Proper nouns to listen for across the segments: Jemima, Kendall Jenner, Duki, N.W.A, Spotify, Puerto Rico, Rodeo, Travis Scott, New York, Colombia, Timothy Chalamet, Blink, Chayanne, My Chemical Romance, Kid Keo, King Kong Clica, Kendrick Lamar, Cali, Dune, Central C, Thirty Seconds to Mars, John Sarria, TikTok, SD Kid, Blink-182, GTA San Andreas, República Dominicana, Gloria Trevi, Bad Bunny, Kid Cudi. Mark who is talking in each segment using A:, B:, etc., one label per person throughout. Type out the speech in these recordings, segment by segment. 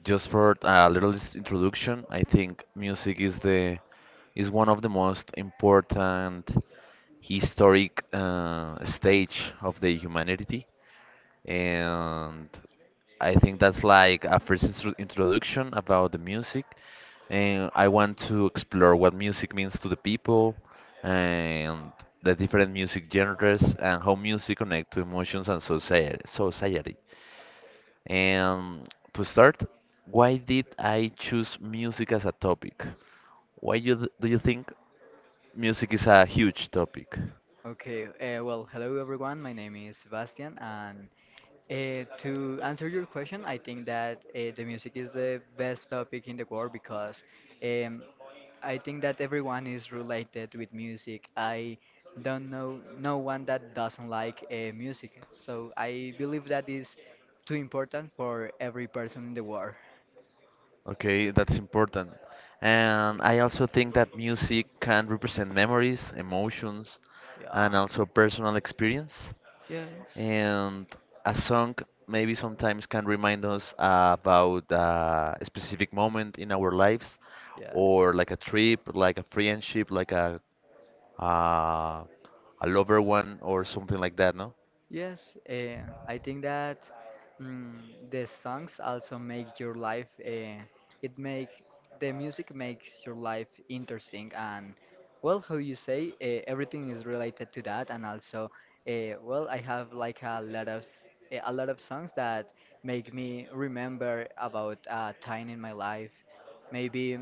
A: just for a little introduction, I think music is the is one of the most important historic stage of the humanity and I think that's like a first introduction about the music. And I want to explore what music means to the people and the different music genres and how music connect to emotions and society. And to start, why did I choose music as a topic? Why you, do you think music is a huge topic?
B: Hello everyone. My name is Sebastian, and to answer your question, I think that the music is the best topic in the world because um, I think that everyone is related with music. I don't know no one that doesn't like music, so I believe that is too important for every person in the world.
A: Okay, that's important. And I also think that music can represent memories, emotions, and
B: Yeah.
A: also personal experience. And a song maybe sometimes can remind us about a specific moment in our lives, or like a trip, like a friendship, like uh, a lover one, or something like that, no?
B: Yes, I think that mm, the songs also make your life. It make The music makes your life interesting and well, how you say, everything is related to that, and also, well, I have like a lot of a lot of songs that make me remember about a time in my life. Maybe,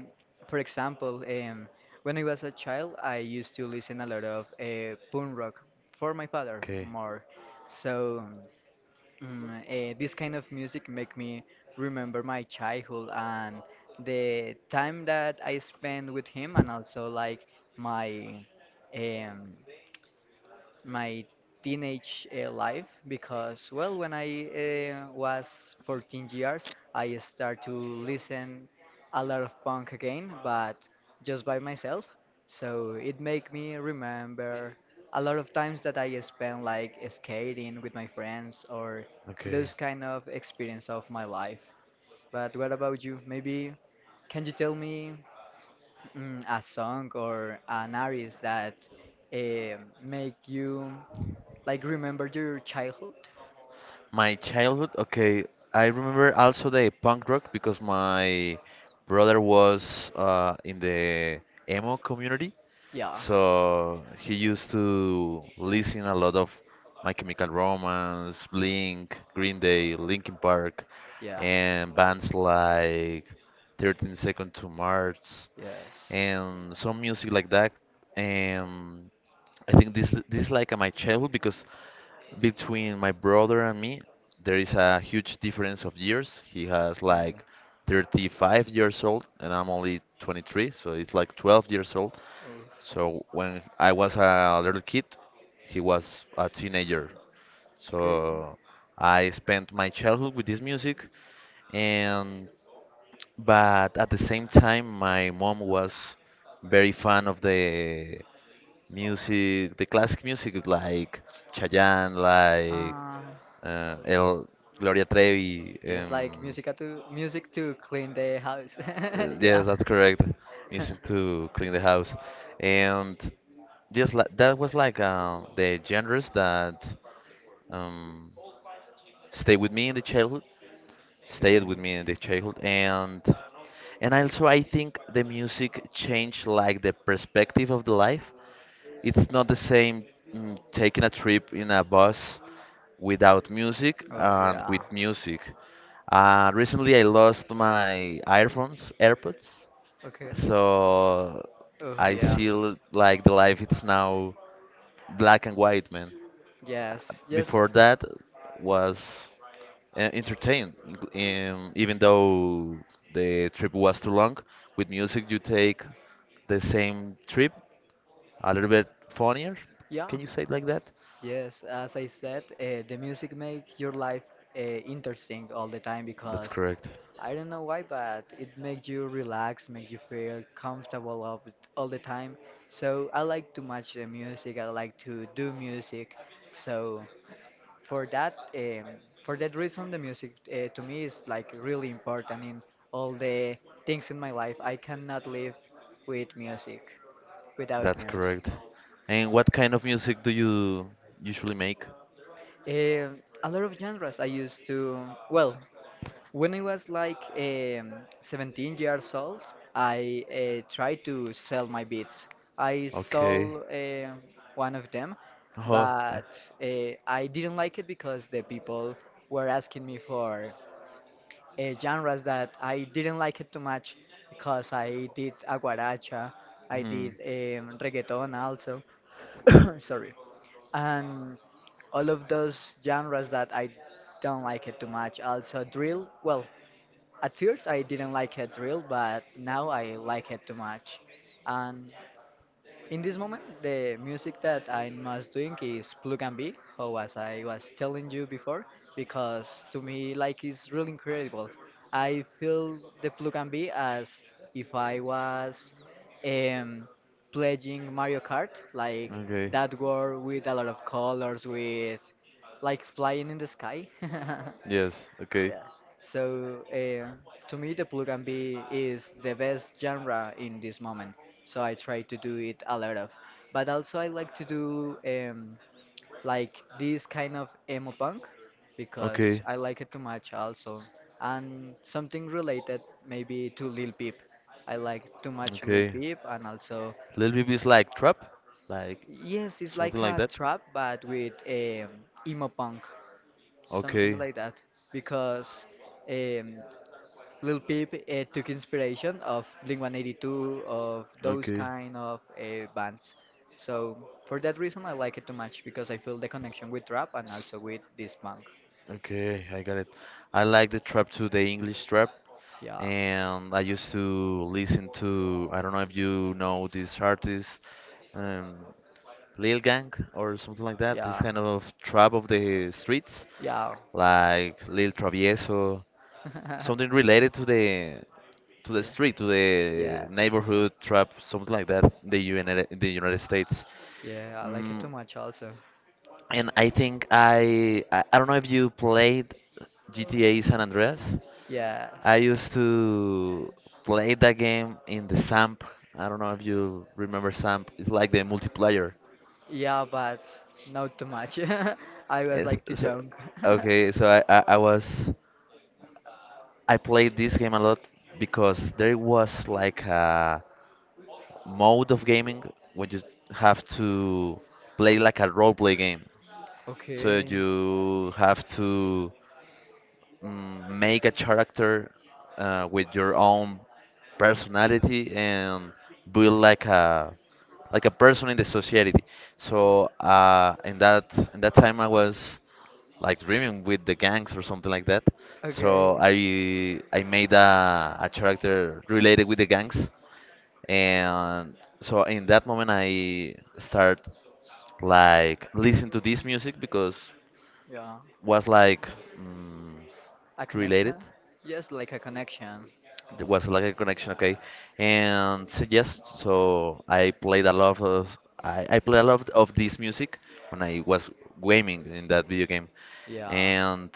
B: for example, when I was a child, I used to listen a lot of punk rock for my father
A: Okay, more
B: more so, this kind of music make me remember my childhood and the time that I spent with him, and also like my, um, my teenage life because well when I was 14 years I start to listen a lot of punk again but just by myself, so it make me remember a lot of times that I spent like skating with my friends or
A: of okay.
B: those kind of experience of my life. But what about you? Maybe can you tell me a song or an artist that eh, make you like, remember your childhood?
A: My childhood, okay. I remember also the punk rock because my brother was in the emo community.
B: Yeah.
A: So he used to listen a lot of My Chemical Romance, Blink, Green Day, Linkin Park,
B: Yeah.
A: and bands like 13 Seconds to Mars
B: Yes.
A: and some music like that. Um, I think this is like my childhood because between my brother and me there is a huge difference of years. He has like
B: Okay.
A: 35 years old and I'm only 23, so it's like 12 years old.
B: Oof.
A: So when I was a little kid, he was a teenager.
B: Okay.
A: So I spent my childhood with this music and but at the same time, my mom was very fan of the music, the classic music, like Chayanne, like
B: Um.
A: El Gloria Trevi.
B: Yes, like music to clean the house. Yeah.
A: Yes, that's correct. Music to clean the house, and just like that was like the genres that um, stay with me in the childhood stayed
B: Okay.
A: with me in the childhood and also I think the music changed like the perspective of the life. It's not the same, taking a trip in a bus without music
B: Oh
A: and with
B: yeah.
A: music. Recently I lost my earphones AirPods,
B: Okay.
A: so
B: Oh
A: I
B: yeah.
A: see like the life it's now black and white, man.
B: Yes. Yes.
A: Before that was entertained, even though the trip was too long. With music, you take the same trip, a little bit funnier.
B: Yeah.
A: Can you say it like that?
B: Yes. As I said, the music make your life interesting all the time
A: That's
B: because
A: correct.
B: I don't know why, but it makes you relax, make you feel comfortable all, all the time. So I like to match the music. I like to do music. So, for that, for that reason the music to me is like really important in all the things in my life. I cannot live with music, without
A: That's
B: music.
A: correct. And what kind of music do you usually make?
B: um, a lot of genres I used to, well, when I was like, 17 years old, I tried to sell my beats. I
A: Okay.
B: sold, one of them,
A: Uh-huh. uh,
B: but I didn't like it because the people were asking me for genres that I didn't like it too much, because I did aguaracha, I
A: Hmm.
B: did reggaeton also, sorry, and all of those genres that I don't like it too much. Also drill, well, at first I didn't like it drill, but now I like it too much, and in this moment, the music that I'm most doing is plug and be, or as I was telling you before, because to me, like, it's really incredible. I feel the plug and be as if I was, um, playing Mario Kart, like
A: Okay.
B: that world with a lot of colors, with like flying in the sky.
A: Yes. Okay.
B: Yeah. So to me, the plug and be is the best genre in this moment. So I try to do it a lot of. But also I like to do like this kind of emo punk because
A: Okay.
B: I like it too much also. And something related maybe to Lil Peep. I like too much Lil
A: Okay.
B: Peep and also
A: Let me be like trap, like
B: yes, it's
A: something
B: like
A: like
B: a
A: that.
B: trap but with emo punk, something
A: Okay.
B: like that. Because um, Lil Peep took inspiration of Blink-182, of those
A: Okay.
B: kind of bands. So for that reason, I like it too much because I feel the connection with rap and also with this punk.
A: Okay, I got it. I like the trap too, the English trap.
B: Yeah.
A: And I used to listen to, I don't know if you know this artist, um, Lil Gang or something like that. This
B: Yeah.
A: kind of trap of the streets,
B: Yeah.
A: like Lil Travieso. Something related to the
B: yeah.
A: street, to the
B: Yes.
A: neighborhood trap, something like that, in The U N, in the United States.
B: Yeah, I like it too
A: Mm,
B: much also.
A: and I think I don't know if you played GTA San Andreas.
B: Yes.
A: I used to play that game in the SAMP. I don't know if you remember SAMP. It's like the multiplayer.
B: Yeah, but not too much. I was
A: It's,
B: like too
A: so,
B: young.
A: okay, so I was I played this game a lot because there was like a mode of gaming when you have to play like a role play game. So
B: Okay.
A: you have to, make a character with your own personality and build like a person in the society. So in that time I was like dreaming with the gangs or something like that. So
B: Okay.
A: I made a character related with the gangs, and so in that moment I start like listen to this music because
B: Yeah.
A: was like, mm,
B: A
A: related.
B: connection? Yes, like a connection.
A: There was like a connection, okay. And so yes, so I played a lot of I played a lot of this music when I was gaming in that video game.
B: Yeah.
A: And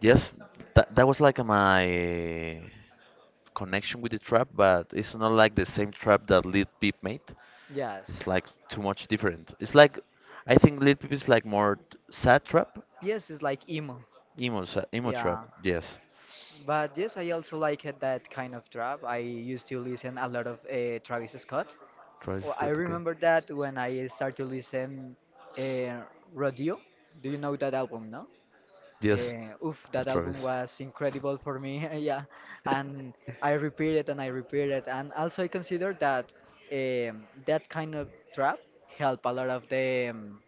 A: yes, that was like my connection with the trap, but it's not like the same trap that Lil Peep made. It's
B: Yes.
A: like too much different. It's like I think Lil Peep is like more sad trap.
B: Yes, it's like emo.
A: Emo, emo trap,
B: Yeah.
A: yes.
B: But yes, I also like it, that kind of trap. I used to listen a lot of Travis Scott.
A: Travis
B: Oh, I
A: Scott, okay.
B: remember that when I started to listen uh, Rodeo. Do you know that album, no?
A: Yes,
B: Oof,
A: of
B: that album
A: Travis.
B: was incredible for me, yeah. And I repeat it and I repeat it. And also I consider that that kind of trap help a lot of the,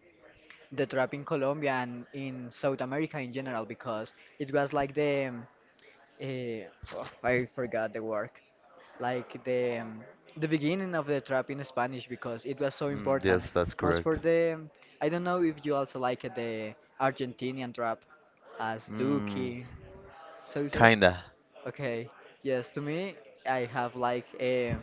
B: the trap in Colombia and in South America in general, because it was like the, Eh, oh, I forgot the word. Like the, the beginning of the trap in Spanish because it was so
A: Mm,
B: important.
A: yes, that's
B: Most for
A: correct.
B: the, I don't know if you also like the Argentinian trap as
A: Mm,
B: Duki, Sousa.
A: kinda.
B: Okay, yes, to me I have like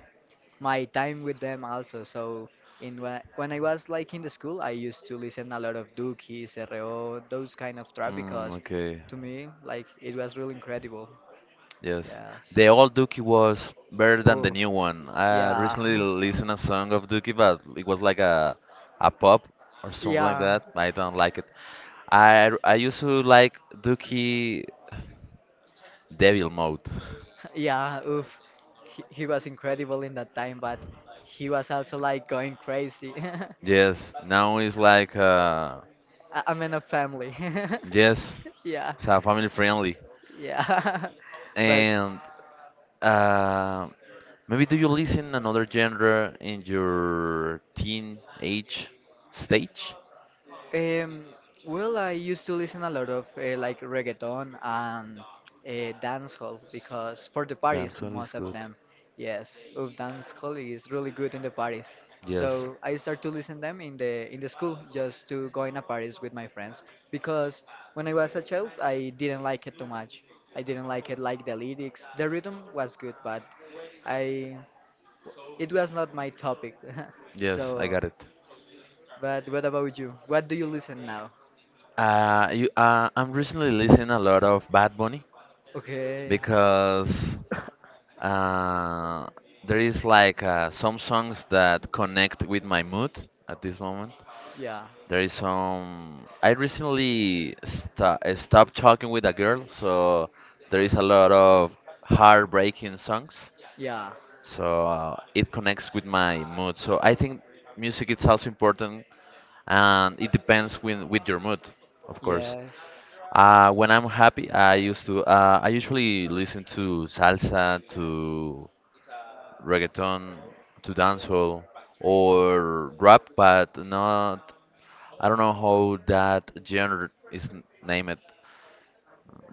B: my time with them also. So in when when I was like in the school, I used to listen a lot of Duki, CRO, those kind of trap
A: Mm,
B: because
A: okay.
B: to me like it was really incredible.
A: Yes,
B: Yes.
A: the old Dookie was better than the
B: Oh,
A: new one. I
B: yeah,
A: recently listened a song of Dookie, but it was like a pop or something like
B: yeah,
A: that. I don't like it. I used to like Dookie Devil Mode.
B: yeah. Oof, he was incredible in that time, but he was also like going crazy.
A: Yes, now it's like uh,
B: I'm in a family.
A: yes,
B: yeah,
A: it's family friendly.
B: yeah, but.
A: And uh, maybe do you listen another genre in your teen age stage?
B: Um, well, I used to listen a lot of like reggaeton and dancehall because for the parties,
A: Dancehall is
B: most of
A: good.
B: them, yes, of dancehall is really good in the parties.
A: Yes.
B: So I start to listen them in the school just to go in a parties with my friends because when I was a child, I didn't like it too much. I didn't like it like the lyrics. The rhythm was good, but I, it was not my topic.
A: Yes, I
B: so,
A: got it.
B: but what about you? What do you listen now?
A: I'm recently listening a lot of Bad Bunny
B: Okay.
A: because uh, there is like some songs that connect with my mood at this moment.
B: Yeah.
A: There is some. I recently sta stopped talking with a girl, so there is a lot of heartbreaking songs.
B: Yeah.
A: So it connects with my mood. So I think music is also important, and it depends with your mood, of course.
B: Yes.
A: When I'm happy, I used to. I usually listen to salsa, to reggaeton, to dancehall, or rap, but not. I don't know how that genre is named.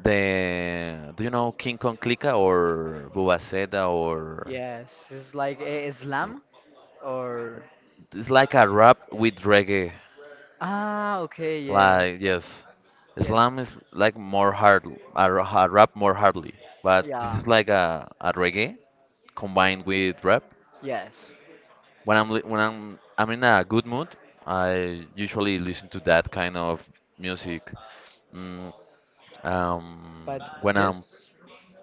A: The, do you know King Kong Clica or Bubaseda or
B: Yes. It's like Islam or
A: it's like a rap with reggae.
B: ah. Okay.
A: Like
B: Yes.
A: yes,
B: Yes.
A: Islam is like more hard a, a rap more hardly, but this
B: Yeah.
A: is like a reggae combined with rap.
B: Yes.
A: When I'm I'm in a good mood, I usually listen to that kind of music. Mm, um,
B: But
A: when I'm,
B: just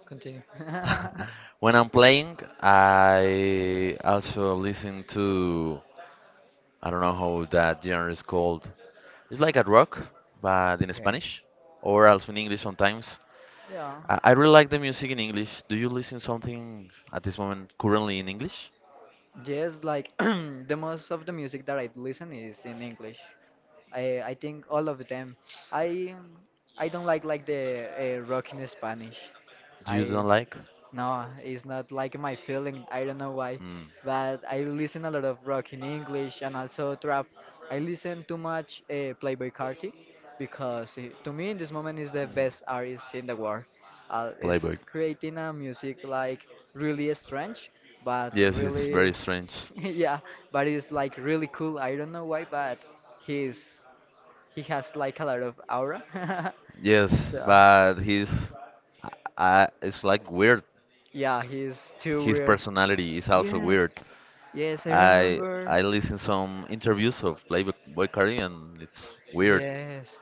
B: continue.
A: when I'm playing, I also listen to, I don't know how that genre is called. It's like a rock, but in
B: okay.
A: Spanish, or also in English sometimes.
B: Yeah.
A: I really like the music in English. Do you listen something at this moment currently in English?
B: Yes. Like the most of the music that I listen is in English. I think all of them. I I don't like the rock in Spanish.
A: Do you
B: I
A: don't like?
B: no, it's not like my feeling. I don't know why,
A: Mm. Mm.
B: but I listen a lot of rock in English and also trap. I listen too much Playboi Carti because he, to me in this moment is the best artist in the world.
A: Playboy.
B: Is creating a music like really strange, but
A: Yes, it's very
B: really
A: strange.
B: yeah, but it's like really cool. I don't know why, but he's he has like a lot of aura.
A: Yes,
B: so
A: but he's, I, it's like weird.
B: yeah, he's too
A: His
B: weird.
A: personality is also
B: Yes,
A: weird.
B: yes, I
A: I
B: remember.
A: I listen some interviews of Playboy Cardi and it's weird.
B: Yes,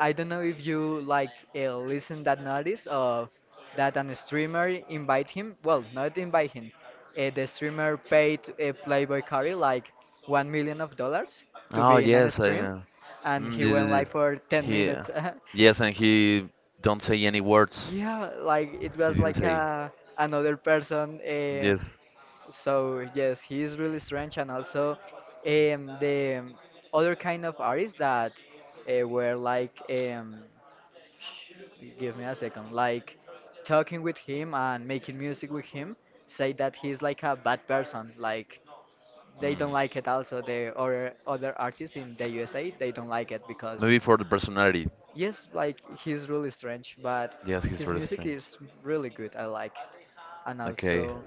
B: I don't know if you like listen that notice of that an streamer invite him. Well, not invite him. The streamer paid Playboy Carey like 1 million of dollars to
A: Oh
B: be in an
A: yes, I
B: stream, and he went like for
A: this.
B: ten
A: He
B: minutes.
A: yes, and he don't say any words.
B: Yeah, like it
A: He
B: was
A: didn't
B: like
A: say,
B: a another person.
A: yes.
B: So yes, he is really strange, and also, the other kind of artists that were like, sh- give me a second, like talking with him and making music with him, say that he's like a bad person. Like they
A: Mm.
B: don't like it. Also, the other artists in the USA, they don't like it because.
A: Maybe for the personality.
B: Yes, like he's really strange, but
A: Yes, he's
B: his
A: really
B: music
A: strange.
B: is really good. I like it, and
A: Okay.
B: also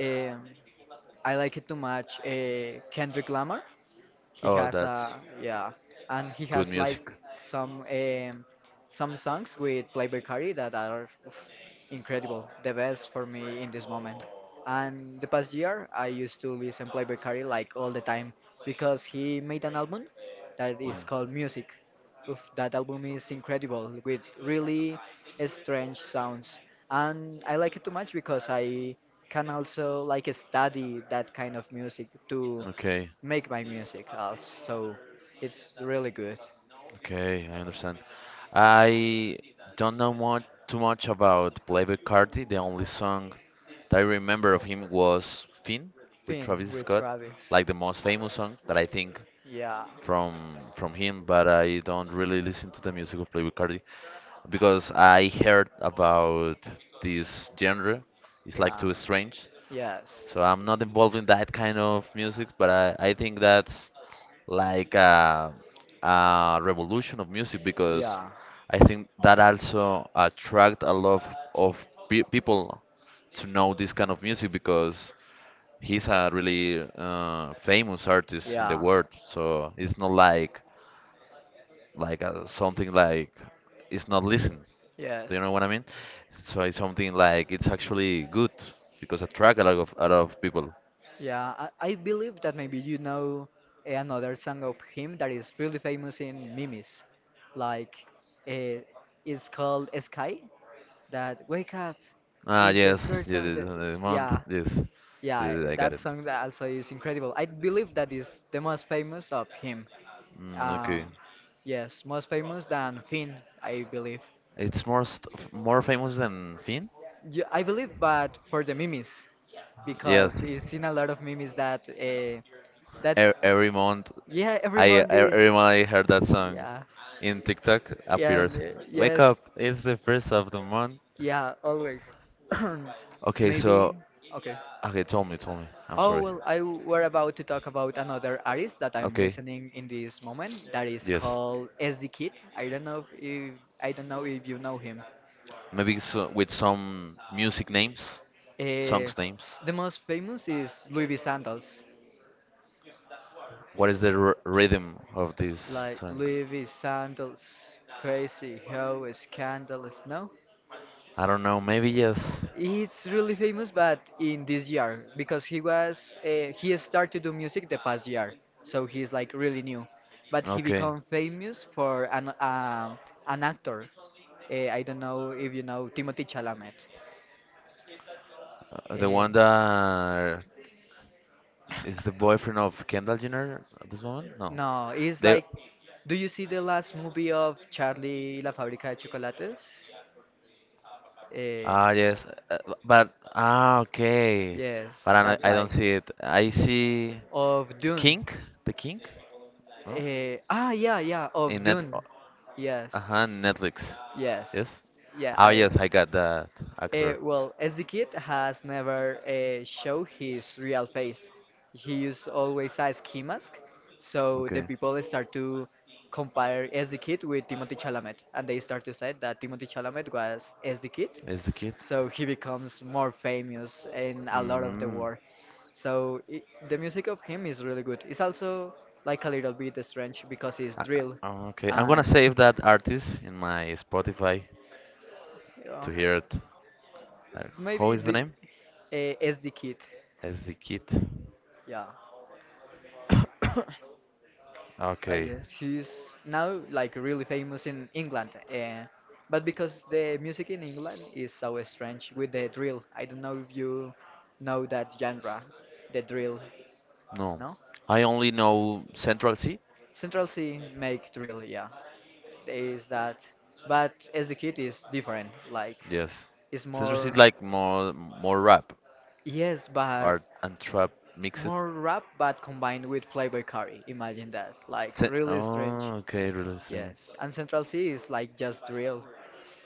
B: um, I like it too much. Kendrick Lamar. He
A: Oh,
B: has
A: that's
B: a yeah, and he
A: good
B: has like
A: music.
B: some, some songs with Playboi Carti that are oof, incredible, the best for me in this moment. And the past year, I used to listen Playboi Carti like all the time because he made an album that is called Music. Oof, that album is incredible with really strange sounds, and I like it too much because I can also like study that kind of music to
A: Mm. Okay.
B: make my music also. So it's really good.
A: Okay, I understand. I don't know much, too much about Playboi Carti. The only song that I remember of him was Finn with
B: Finn,
A: Travis
B: with
A: Scott,
B: Travis.
A: like the most famous song that I think
B: Yeah.
A: from him. But I don't really listen to the music of Playboi Carti because I heard about this genre. It's like too strange, so I'm not involved in that kind of music. But I think that like a revolution of music because I think that also attract a lot of pe people to know this kind of music because he's a really famous artist in the world. So it's not like like something like it's not listened. Do you
B: Yes.
A: know what I mean? So it's something like it's actually good because attract a lot of people.
B: Yeah, I believe that maybe you know another song of him that is really famous in memes, like uh, it's called Sky. That wake up
A: Ah
B: is the
A: yes,
B: first
A: yes,
B: of
A: yes,
B: the
A: this month,
B: yeah.
A: yes,
B: Yeah,
A: yes, I got
B: that song that also is incredible. I believe that is the
A: it.
B: most famous of him.
A: Mm,
B: Uh,
A: okay.
B: yes, most famous than Finn, I believe.
A: It's more more famous than Finn?
B: Yeah, I believe, but for the memes, because
A: Yes.
B: he's seen a lot of memes that that
A: E- every month
B: yeah, every
A: I
B: month is
A: every month I heard that song
B: yeah,
A: in TikTok
B: yeah, and,
A: appears. Wake up,
B: yes,
A: it's the first of the month.
B: yeah, always.
A: Okay,
B: Maybe
A: so
B: okay.
A: okay, tell me, tell me. I'm
B: Oh,
A: sorry.
B: well, I were about to talk about another artist that I'm
A: Okay,
B: listening in this moment that is
A: yes.
B: called SD Kid. I don't know if you know him.
A: Maybe so, with some music names,
B: Uh,
A: songs names.
B: the most famous is Louis V. Sandals.
A: What is the r rhythm of this
B: Like
A: song?
B: Louis V. Sandals, crazy, how scandalous, no?
A: I don't know. Maybe yes.
B: It's really famous, but in this year because he was he started to do music the past year, so he's like really new. But he
A: Okay.
B: become famous for an actor. I don't know if you know Timothy Chalamet.
A: The
B: Uh,
A: one that is the boyfriend of Kendall Jenner at this moment? No.
B: no, he's
A: The,
B: like, do you see the last movie of Charlie y la fábrica de chocolates? Uh,
A: ah yes, uh, but ah okay,
B: yes,
A: but
B: that
A: I don't
B: guy
A: see it. I see
B: of Dune.
A: King, the King, no?
B: Yeah,
A: In
B: of
A: net.
B: Dune.
A: Uh
B: Yes,
A: huh. Netflix.
B: yes,
A: Yes.
B: yeah.
A: Oh
B: I
A: yes, I got that actor.
B: well, as the kid has never showed his real face, he used always a ski mask. So the
A: Okay.
B: people start to compare as the kid with Timothy Chalamet, and they start to say that Timothy Chalamet was as the kid.
A: Is the kid?
B: So he becomes more famous in a lot of the
A: Mm.
B: world. So I the music of him is really good. It's also like a little bit strange because it's drill,
A: Okay. I'm gonna
B: and
A: save that artist in my Spotify
B: yeah.
A: to hear it. Uh, How
B: Maybe
A: is the
B: the
A: name?
B: SD Kid.
A: As the kid.
B: Yeah. I
A: Okay.
B: guess he's now like really famous in England. But because the music in England is so strange with the drill. I don't know if you know that genre, the drill.
A: No.
B: No?
A: I only know Central C.
B: Central C make drill, yeah. There is that. But SD Kid is different. Like,
A: Yes.
B: it's
A: Central C
B: more.
A: is like more rap,
B: Yes, but
A: art and trap mixed.
B: more rap, but combined with Playboy Carti. Imagine that. Like, really strange.
A: Oh, okay, really strange.
B: Yes. And Central C is like just drill.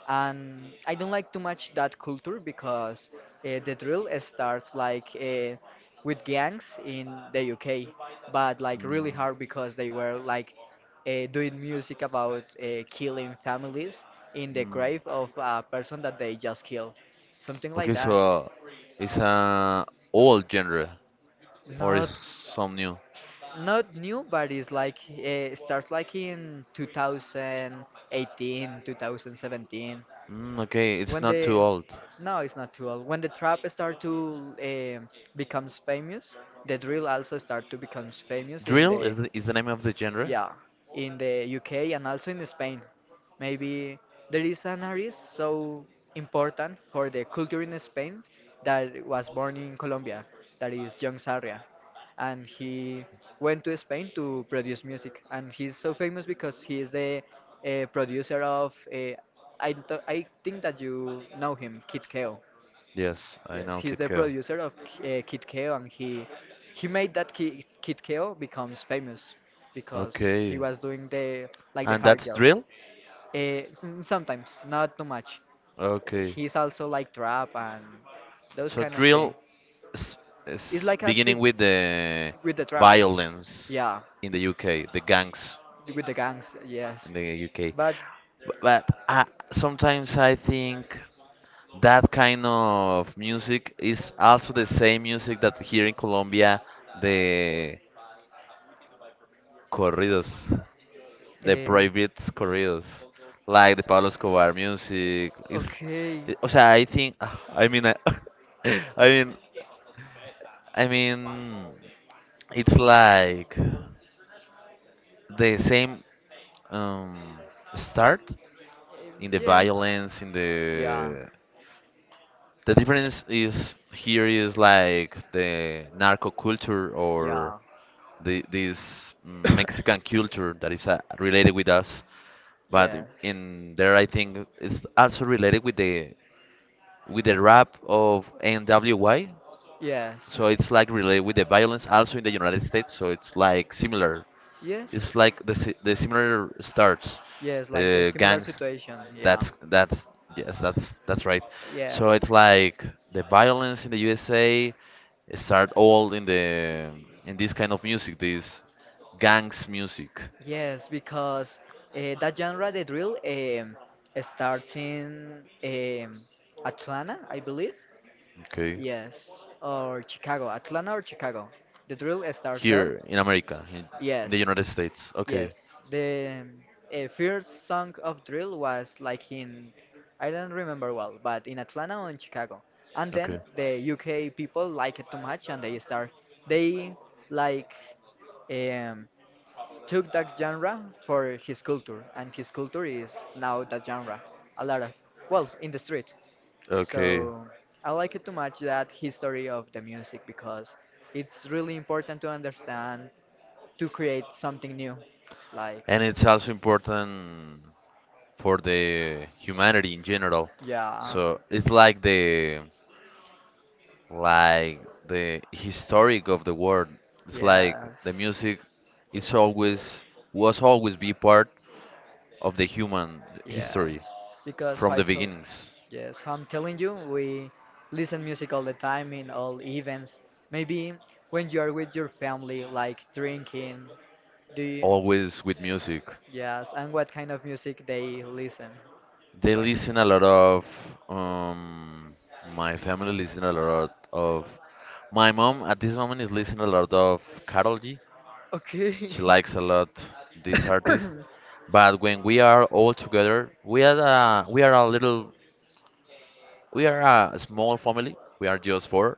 B: And I don't like too much that culture because the drill starts like with gangs in the UK, but like really hard because they were like doing music about killing families in the grave of a person that they just killed. Something like
A: Okay, so
B: that.
A: it's a old genre or is
B: Not
A: some new?
B: Not new, but it's like starts like in 2018, 2017.
A: Mm, okay,
B: Okay,
A: it's
B: when
A: not too
B: the
A: old.
B: no, it's not too old. When the trap start to becomes famous, the drill also start to becomes famous in
A: Drill is is the name of the genre?
B: yeah, the UK and also in Spain. Maybe there is an artist so important for the culture in Spain that was born in Colombia, that is John Sarria. And he went to Spain to produce music. And he's so famous because he is the producer of, I think that you know him, Kid Keo.
A: Yes, I
B: Yes,
A: know
B: he's
A: Kid
B: the
A: Cudi.
B: producer of Kid Keo, and he made that Ki Kid Keo becomes famous because he
A: Okay.
B: was doing the like the
A: And
B: hard
A: that's
B: job.
A: drill?
B: Sometimes, not too much.
A: Okay.
B: He's also like trap and those
A: So
B: kind of thing.
A: drill is,
B: It's
A: is
B: like a
A: beginning
B: sub
A: with the
B: with the trap.
A: violence
B: Yeah,
A: in the UK, the gangs
B: with the gangs. Yes,
A: in the UK.
B: but
A: But, but I, sometimes I think that kind of music is also the same music that here in Colombia the corridos, the
B: uh,
A: prohibit corridos, like the Pablo Escobar music. Is,
B: okay.
A: o sea, I think, I mean, I mean, it's like. The same um, start in the
B: Um,
A: violence in the difference is here is like the narco culture or
B: Yeah. It
A: the this Mexican culture that is related with us, but in there I think it's also related with the rap of N.W.Y.
B: Yes.
A: So it's like related with the violence also in the United States. So it's like similar.
B: Yes.
A: It's like the similar starts, the gangs. That's yes, that's right. So it's like the violence in the USA start all in the in this kind of music, this gangs music.
B: Yes, because that genre, the drill, starts in Atlanta, I believe.
A: Okay,
B: Yes, or Chicago. Atlanta or Chicago. The drill starts there.
A: here in America, in
B: Yes,
A: the United States. Okay.
B: yes. The first song of drill was like in, I don't remember well, but in Atlanta or in Chicago. And then the UK people like it too much and they like. um, Took that genre for his culture, and his culture is now that genre. A lot of, well, in the street.
A: Okay.
B: So I like it too much that history of the music because it's really important to understand to create something new. Like,
A: And it's also important for the humanity in general.
B: yeah,
A: So it's like the historic of the world. It's like
B: yeah.
A: the music, it's always was always be part of the human history
B: Yes, because
A: from
B: I
A: the
B: tell,
A: beginnings,
B: yes, I'm telling you, we listen music all the time in all events. Maybe when you are with your family, like drinking. Do you?
A: always with music.
B: Yes, and what kind of music they listen?
A: They listen a lot of. Um, my family listen a lot of. My mom at this moment is listening a lot of Karol G.
B: Okay.
A: She likes a lot this artist. But when we are all together, we are a little, we are a small family. We are just four.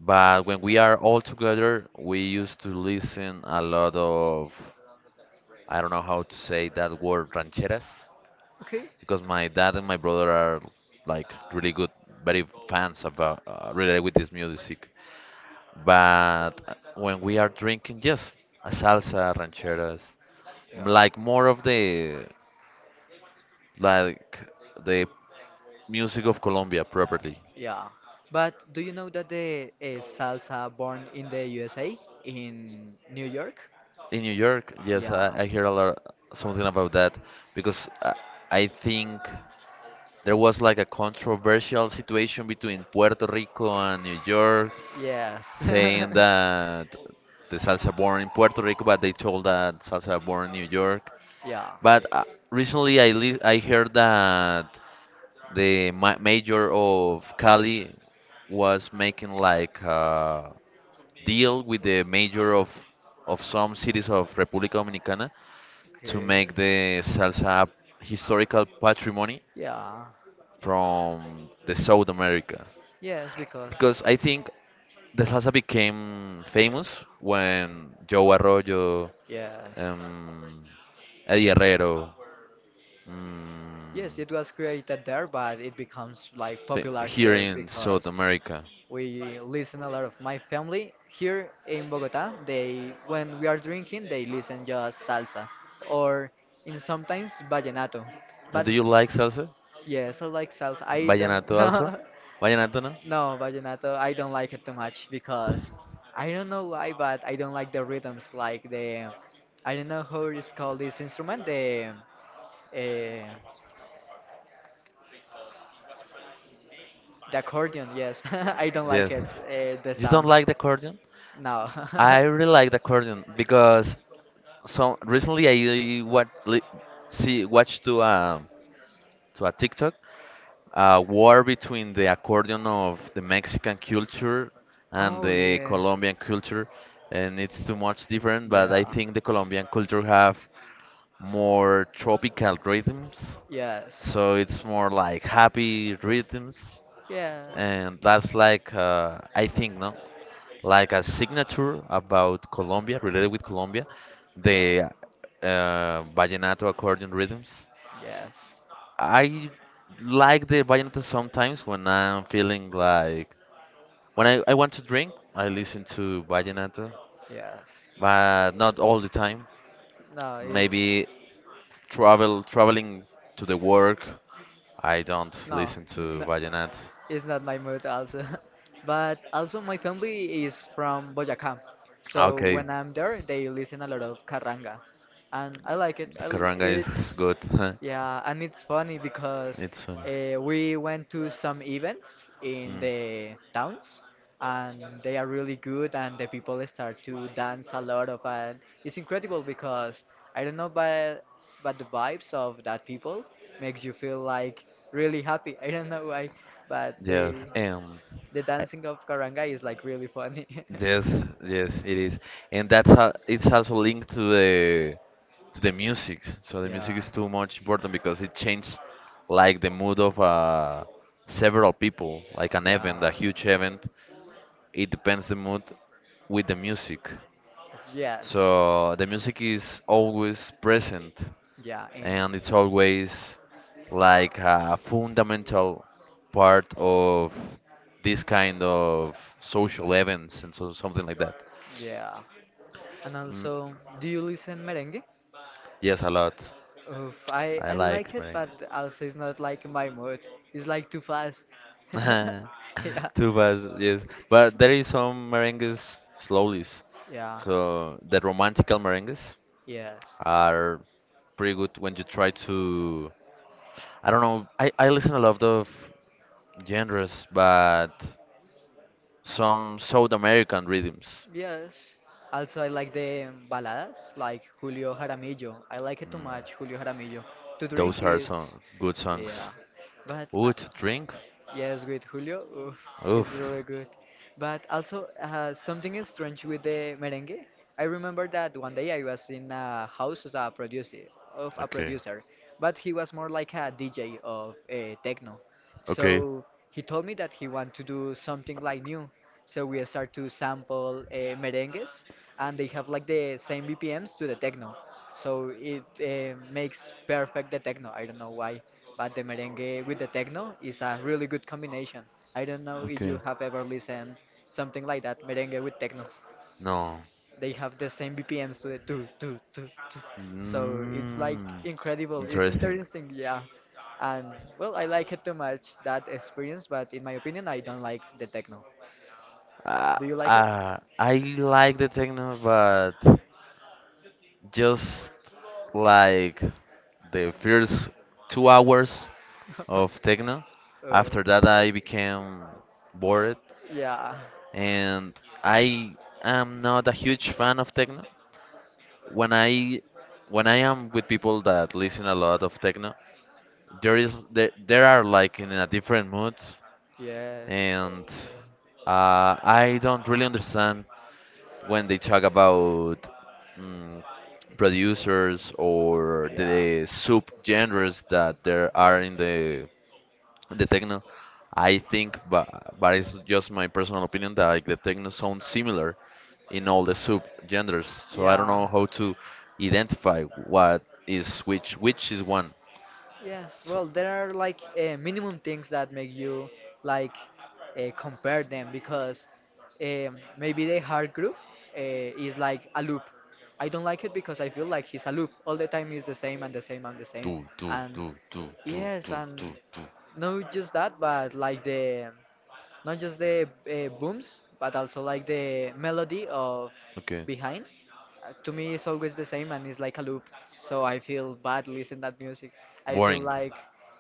A: But when we are all together, we used to listen a lot of, I don't know how to say that word, rancheras,
B: Okay.
A: because my dad and my brother are like really good, very fans about related with this music. But when we are drinking, yes, a salsa, rancheras,
B: Yeah.
A: like more of the like the music of Colombia properly.
B: Yeah, but do you know that the salsa born in the USA, in New York?
A: In New York, yes,
B: Yeah,
A: I hear a lot something about that because I think there was like a controversial situation between Puerto Rico and New York
B: yes,
A: saying that the salsa born in Puerto Rico, but they told that salsa born in New York.
B: yeah.
A: But recently I heard that the ma mayor of Cali was making like a deal with the mayor of some cities of República Dominicana to
B: Okay.
A: make the salsa historical patrimony
B: Yeah.
A: from the South America
B: Yes, because.
A: because I think the salsa became famous when Joe Arroyo,
B: Yes.
A: um, Eddie Herrero,
B: Yes,
A: mm,
B: it was created there, but it becomes like popular
A: here
B: here
A: in South
B: because
A: America.
B: we listen a lot of my family here in Bogota. They, when we are drinking, they listen just salsa or in sometimes vallenato.
A: And
B: But
A: do you like salsa?
B: yes, I like salsa. I don't
A: Vallenato also?
B: know.
A: Vallenato no?
B: No, vallenato, I don't like it too much because I don't know why, but I don't like the rhythms, like the I don't know how it's called this instrument, uh, the accordion. Yes, I don't
A: Yes.
B: like
A: Yes.
B: it. The
A: You don't
B: sounds.
A: like the accordion?
B: No.
A: I really like the accordion because so recently see watched to a TikTok, a war between the accordion of the Mexican culture and
B: Oh
A: the
B: yeah.
A: Colombian culture, and it's too much different. But I
B: Yeah.
A: think the Colombian culture have more tropical rhythms,
B: Yes.
A: so it's more like happy rhythms,
B: Yeah.
A: and that's like I think no, like a signature about Colombia, related with Colombia,
B: Yeah.
A: the vallenato accordion rhythms.
B: Yes.
A: I like the vallenato sometimes when I'm feeling like when I want to drink, I listen to vallenato,
B: Yes.
A: but not all the time.
B: No, it's.
A: Maybe traveling to the work, I don't
B: No,
A: listen to
B: n-
A: vallenato.
B: it's not my mood also. But also my family is from Boyacá. So
A: Okay,
B: when I'm there, they listen a lot of carranga. And I like it. I l
A: caranga is
B: It's
A: good.
B: yeah, and it's funny because
A: It's fun.
B: we went to some events in
A: Mm,
B: the towns and they are really good and the people start to dance a lot of and it's incredible because I don't know but the vibes of that people makes you feel like really happy. I don't know why, but
A: yes,
B: the dancing of Karangai is like really funny.
A: Yes, yes, it is, and that's how it's also linked to the music. So the music
B: Yeah,
A: is too much important because it changed like the mood of several people, like an event,
B: yeah,
A: a huge event. It depends the mood with the music.
B: yes,
A: So the music is always present
B: yeah, and
A: and it's always like a fundamental part of this kind of social events and so something like that.
B: yeah. And
A: Mm,
B: also, do you listen merengue?
A: yes, a lot.
B: Oof,
A: I
B: I like
A: like
B: it,
A: merengue.
B: but also it's not like my mood. It's like too fast. Yeah.
A: Tubas, yes, but there is some merengues slowlies.
B: Yeah.
A: So the romantical merengues
B: Yes.
A: are pretty good when you try to. I don't know. I listen a lot of genres, but some South American rhythms.
B: Yes. Also, I like the baladas, like Julio Jaramillo. I like it too much, Julio Jaramillo. To drink
A: Those are
B: is,
A: some good songs.
B: yeah. But I,
A: Ooh, to drink?
B: yes, with Julio, oof, it's
A: Oof.
B: really good. But also, something is strange with the merengue. I remember that one day I was in a house as a producer, of a
A: Okay.
B: producer, but he was more like a DJ of techno.
A: Okay.
B: So he told me that he want to do something like new. So we start to sample merengues, and they have like the same BPMs to the techno. So it makes perfect the techno. I don't know why, but the merengue with the techno is a really good combination. I don't know if
A: Okay.
B: you have ever listened something like that, merengue with techno.
A: No.
B: They have the same BPMs to the two, two, two, two. So it's like
A: Mm,
B: incredible. It's
A: interesting.
B: interesting, yeah. And well, I like it too much that experience, but in my opinion, I don't like the techno.
A: Uh,
B: Do you like it?
A: I like the techno, but just like the first 2 hours of techno.
B: uh,
A: After that, I became bored,
B: yeah.
A: and I am not a huge fan of techno. When I when I am with people that listen a lot of techno, there is there are like in a different mood,
B: Yes.
A: and I don't really understand when they talk about mm, producers or
B: Yeah.
A: the sub genres that there are in the techno, I think but it's
B: Yeah.
A: just my personal opinion that like the techno sounds similar in all the sub genders, so I don't
B: Yeah.
A: know how to identify what is which is one.
B: Yes.
A: So
B: Well, there are like minimum things that make you like compare them because maybe the hard groove is like a loop. I don't like it because I feel like it's a loop. All the time is the same and the same and the same.
A: do, do,
B: And
A: do, do, do,
B: yes,
A: do,
B: and
A: do, do.
B: not just that, but like the not just the booms, but also like the melody of
A: Okay.
B: behind. To me it's always the same and it's like a loop, so I feel bad listening that music. I feel
A: Boring.
B: like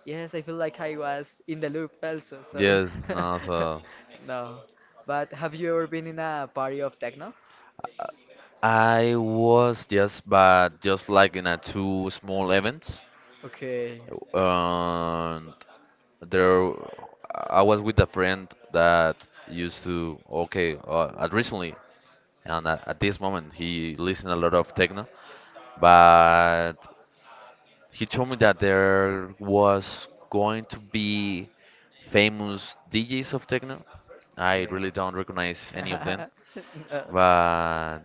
B: yes, I feel like I was in the loop also so.
A: Yes, no, so
B: No, but have you ever been in a party of techno?
A: I was just, but just like in a two small events.
B: Okay.
A: um there I was with a friend that used to okay at recently, and at this moment he listened a lot of techno, but he told me that there was going to be famous DJs of techno. I
B: Okay.
A: really don't recognize any of them.
B: No.
A: But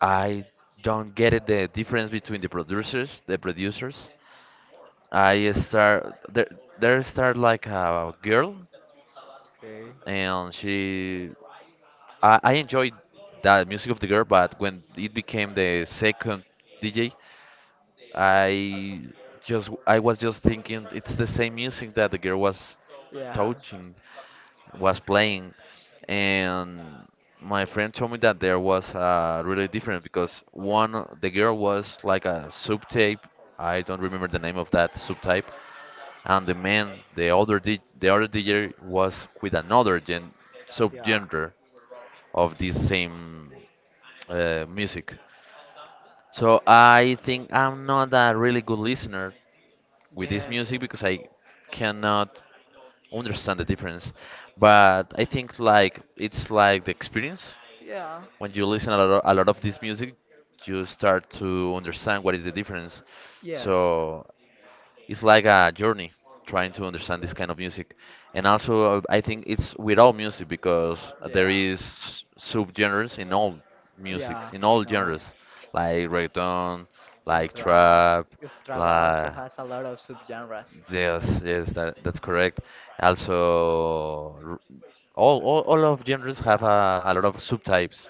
A: I don't get it the difference between the producers. I start there, there start like a girl,
B: Okay.
A: and she, I enjoyed the music of the girl, but when it became the second DJ, I just I was just thinking it's the same music that the girl was
B: Yeah.
A: touching, was playing, and my friend told me that there was really different because the girl was like a subtype. I don't remember the name of that subtype, and the man, the other DJ was with another gen subgenre of this same music. So I think I'm not a really good listener with this
B: Yes.
A: music because I cannot understand the difference. But I think like it's like the experience
B: Yeah.
A: when you listen a lot of this music, you start to understand what is the difference.
B: Yes.
A: So it's like a journey trying to understand this kind of music, and also I think it's with all music because there
B: Yeah.
A: is subgenres in all
B: Yeah,
A: musics in
B: you
A: all
B: know,
A: genres like reggaeton,
B: in
A: like
B: trap,
A: trap,
B: if trap also
A: like
B: has a lot of subgenres.
A: yes, yes, that, that's correct, also all of genres have
B: Yeah.
A: a lot of subtypes,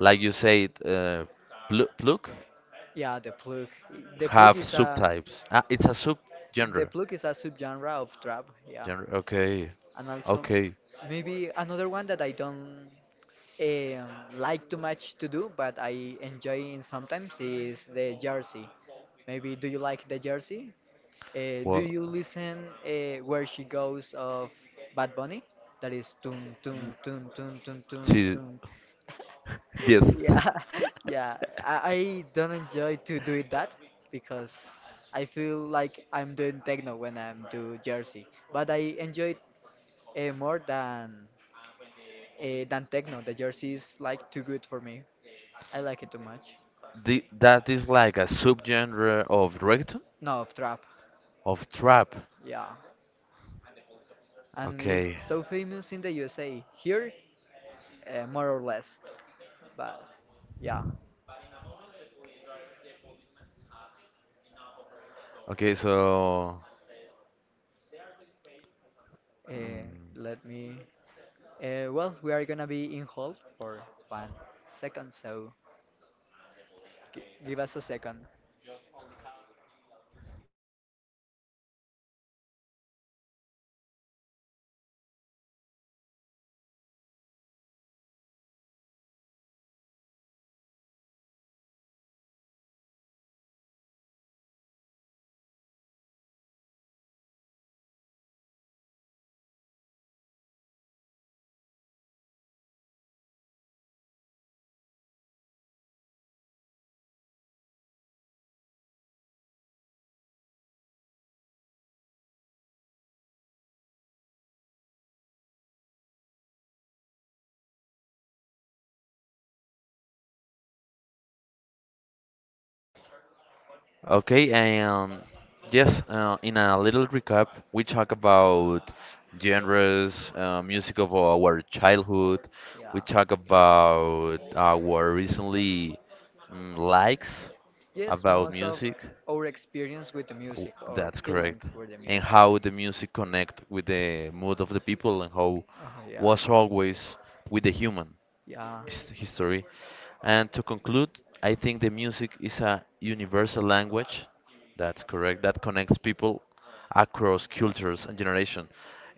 A: like you said pluk
B: Yeah, the plug. The plug
A: have
B: is a
A: subtypes, ah, it's a
B: the
A: subgenre.
B: plug is a subgenre of trap. Yeah.
A: January. Okay.
B: And also,
A: Okay.
B: maybe another one that I don't like too much to do, but I enjoy in sometimes is the jersey. Maybe do you like the jersey? Do
A: Well,
B: you listen where she goes of Bad Bunny? That is tun
A: y-
B: tun tun tun tun tun
A: see,
B: tun.
A: yes.
B: Yeah, yeah. I don't enjoy to do it that because I feel like I'm doing techno when I'm do jersey, but I enjoy more than techno, the jersey is like too good for me. I like it too much.
A: The, that is like a subgenre of reggaeton?
B: No trap,
A: Of trap.
B: yeah, and it's
A: Okay.
B: so famous in the USA. Here, more or less, but yeah.
A: Okay, so.
B: Uh,
A: mm,
B: let me. Well, we are gonna be in hold for one second, so give us a second.
A: Okay, and yes, in a little recap, we talk about genres, music of our childhood. We talk about our recently likes about music.
B: Our experience with the
A: W-
B: music or
A: That's
B: feelings
A: correct.
B: with the
A: And how the music connect with the mood of the people and how
B: oh yeah,
A: was always with the
B: with
A: human
B: yeah, yeah, and the music was USA,
A: history. And to conclude, I think the music is a universal language. That's correct. That connects people across cultures and generation.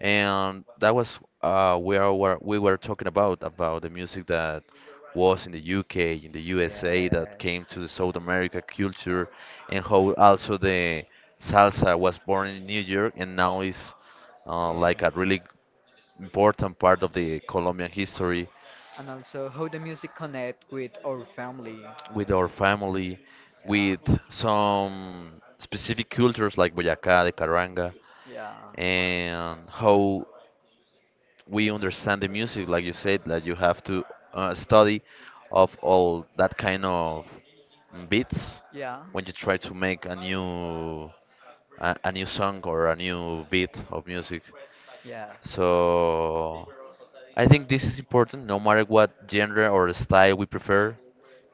A: And that was where we were talking about the music that was in the UK, in the USA, that came to the South America culture, and how also the salsa was born in New York and now is like a
B: yeah.
A: really important part of the Colombian history
B: And also how the music connect with our family.
A: with our family,
B: Yeah,
A: with some specific cultures like Boyacá, the Caranga,
B: yeah,
A: and how we understand the music, like you said, that you have to study of all that kind of beats
B: yeah,
A: when you try to make a new song or a new beat of music.
B: yes,
A: So I think this is important. No matter what genre or style we prefer,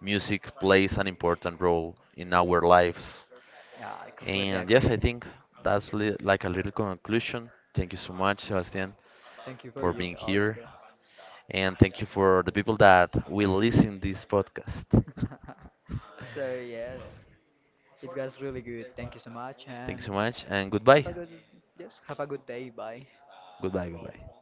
A: music plays an important role in our lives.
B: yeah. I completely
A: And yes,
B: agree.
A: I think that's li like a little conclusion. Thank you so much, Sebastian,
B: Thank you for
A: for
B: you
A: being here.
B: also.
A: And thank you for the people that will listen this podcast.
B: So yes, it was really good. Thank you so much,
A: Thank you
B: and
A: so much and
B: have a
A: goodbye.
B: good yes, have a good day. Bye.
A: Goodbye, goodbye.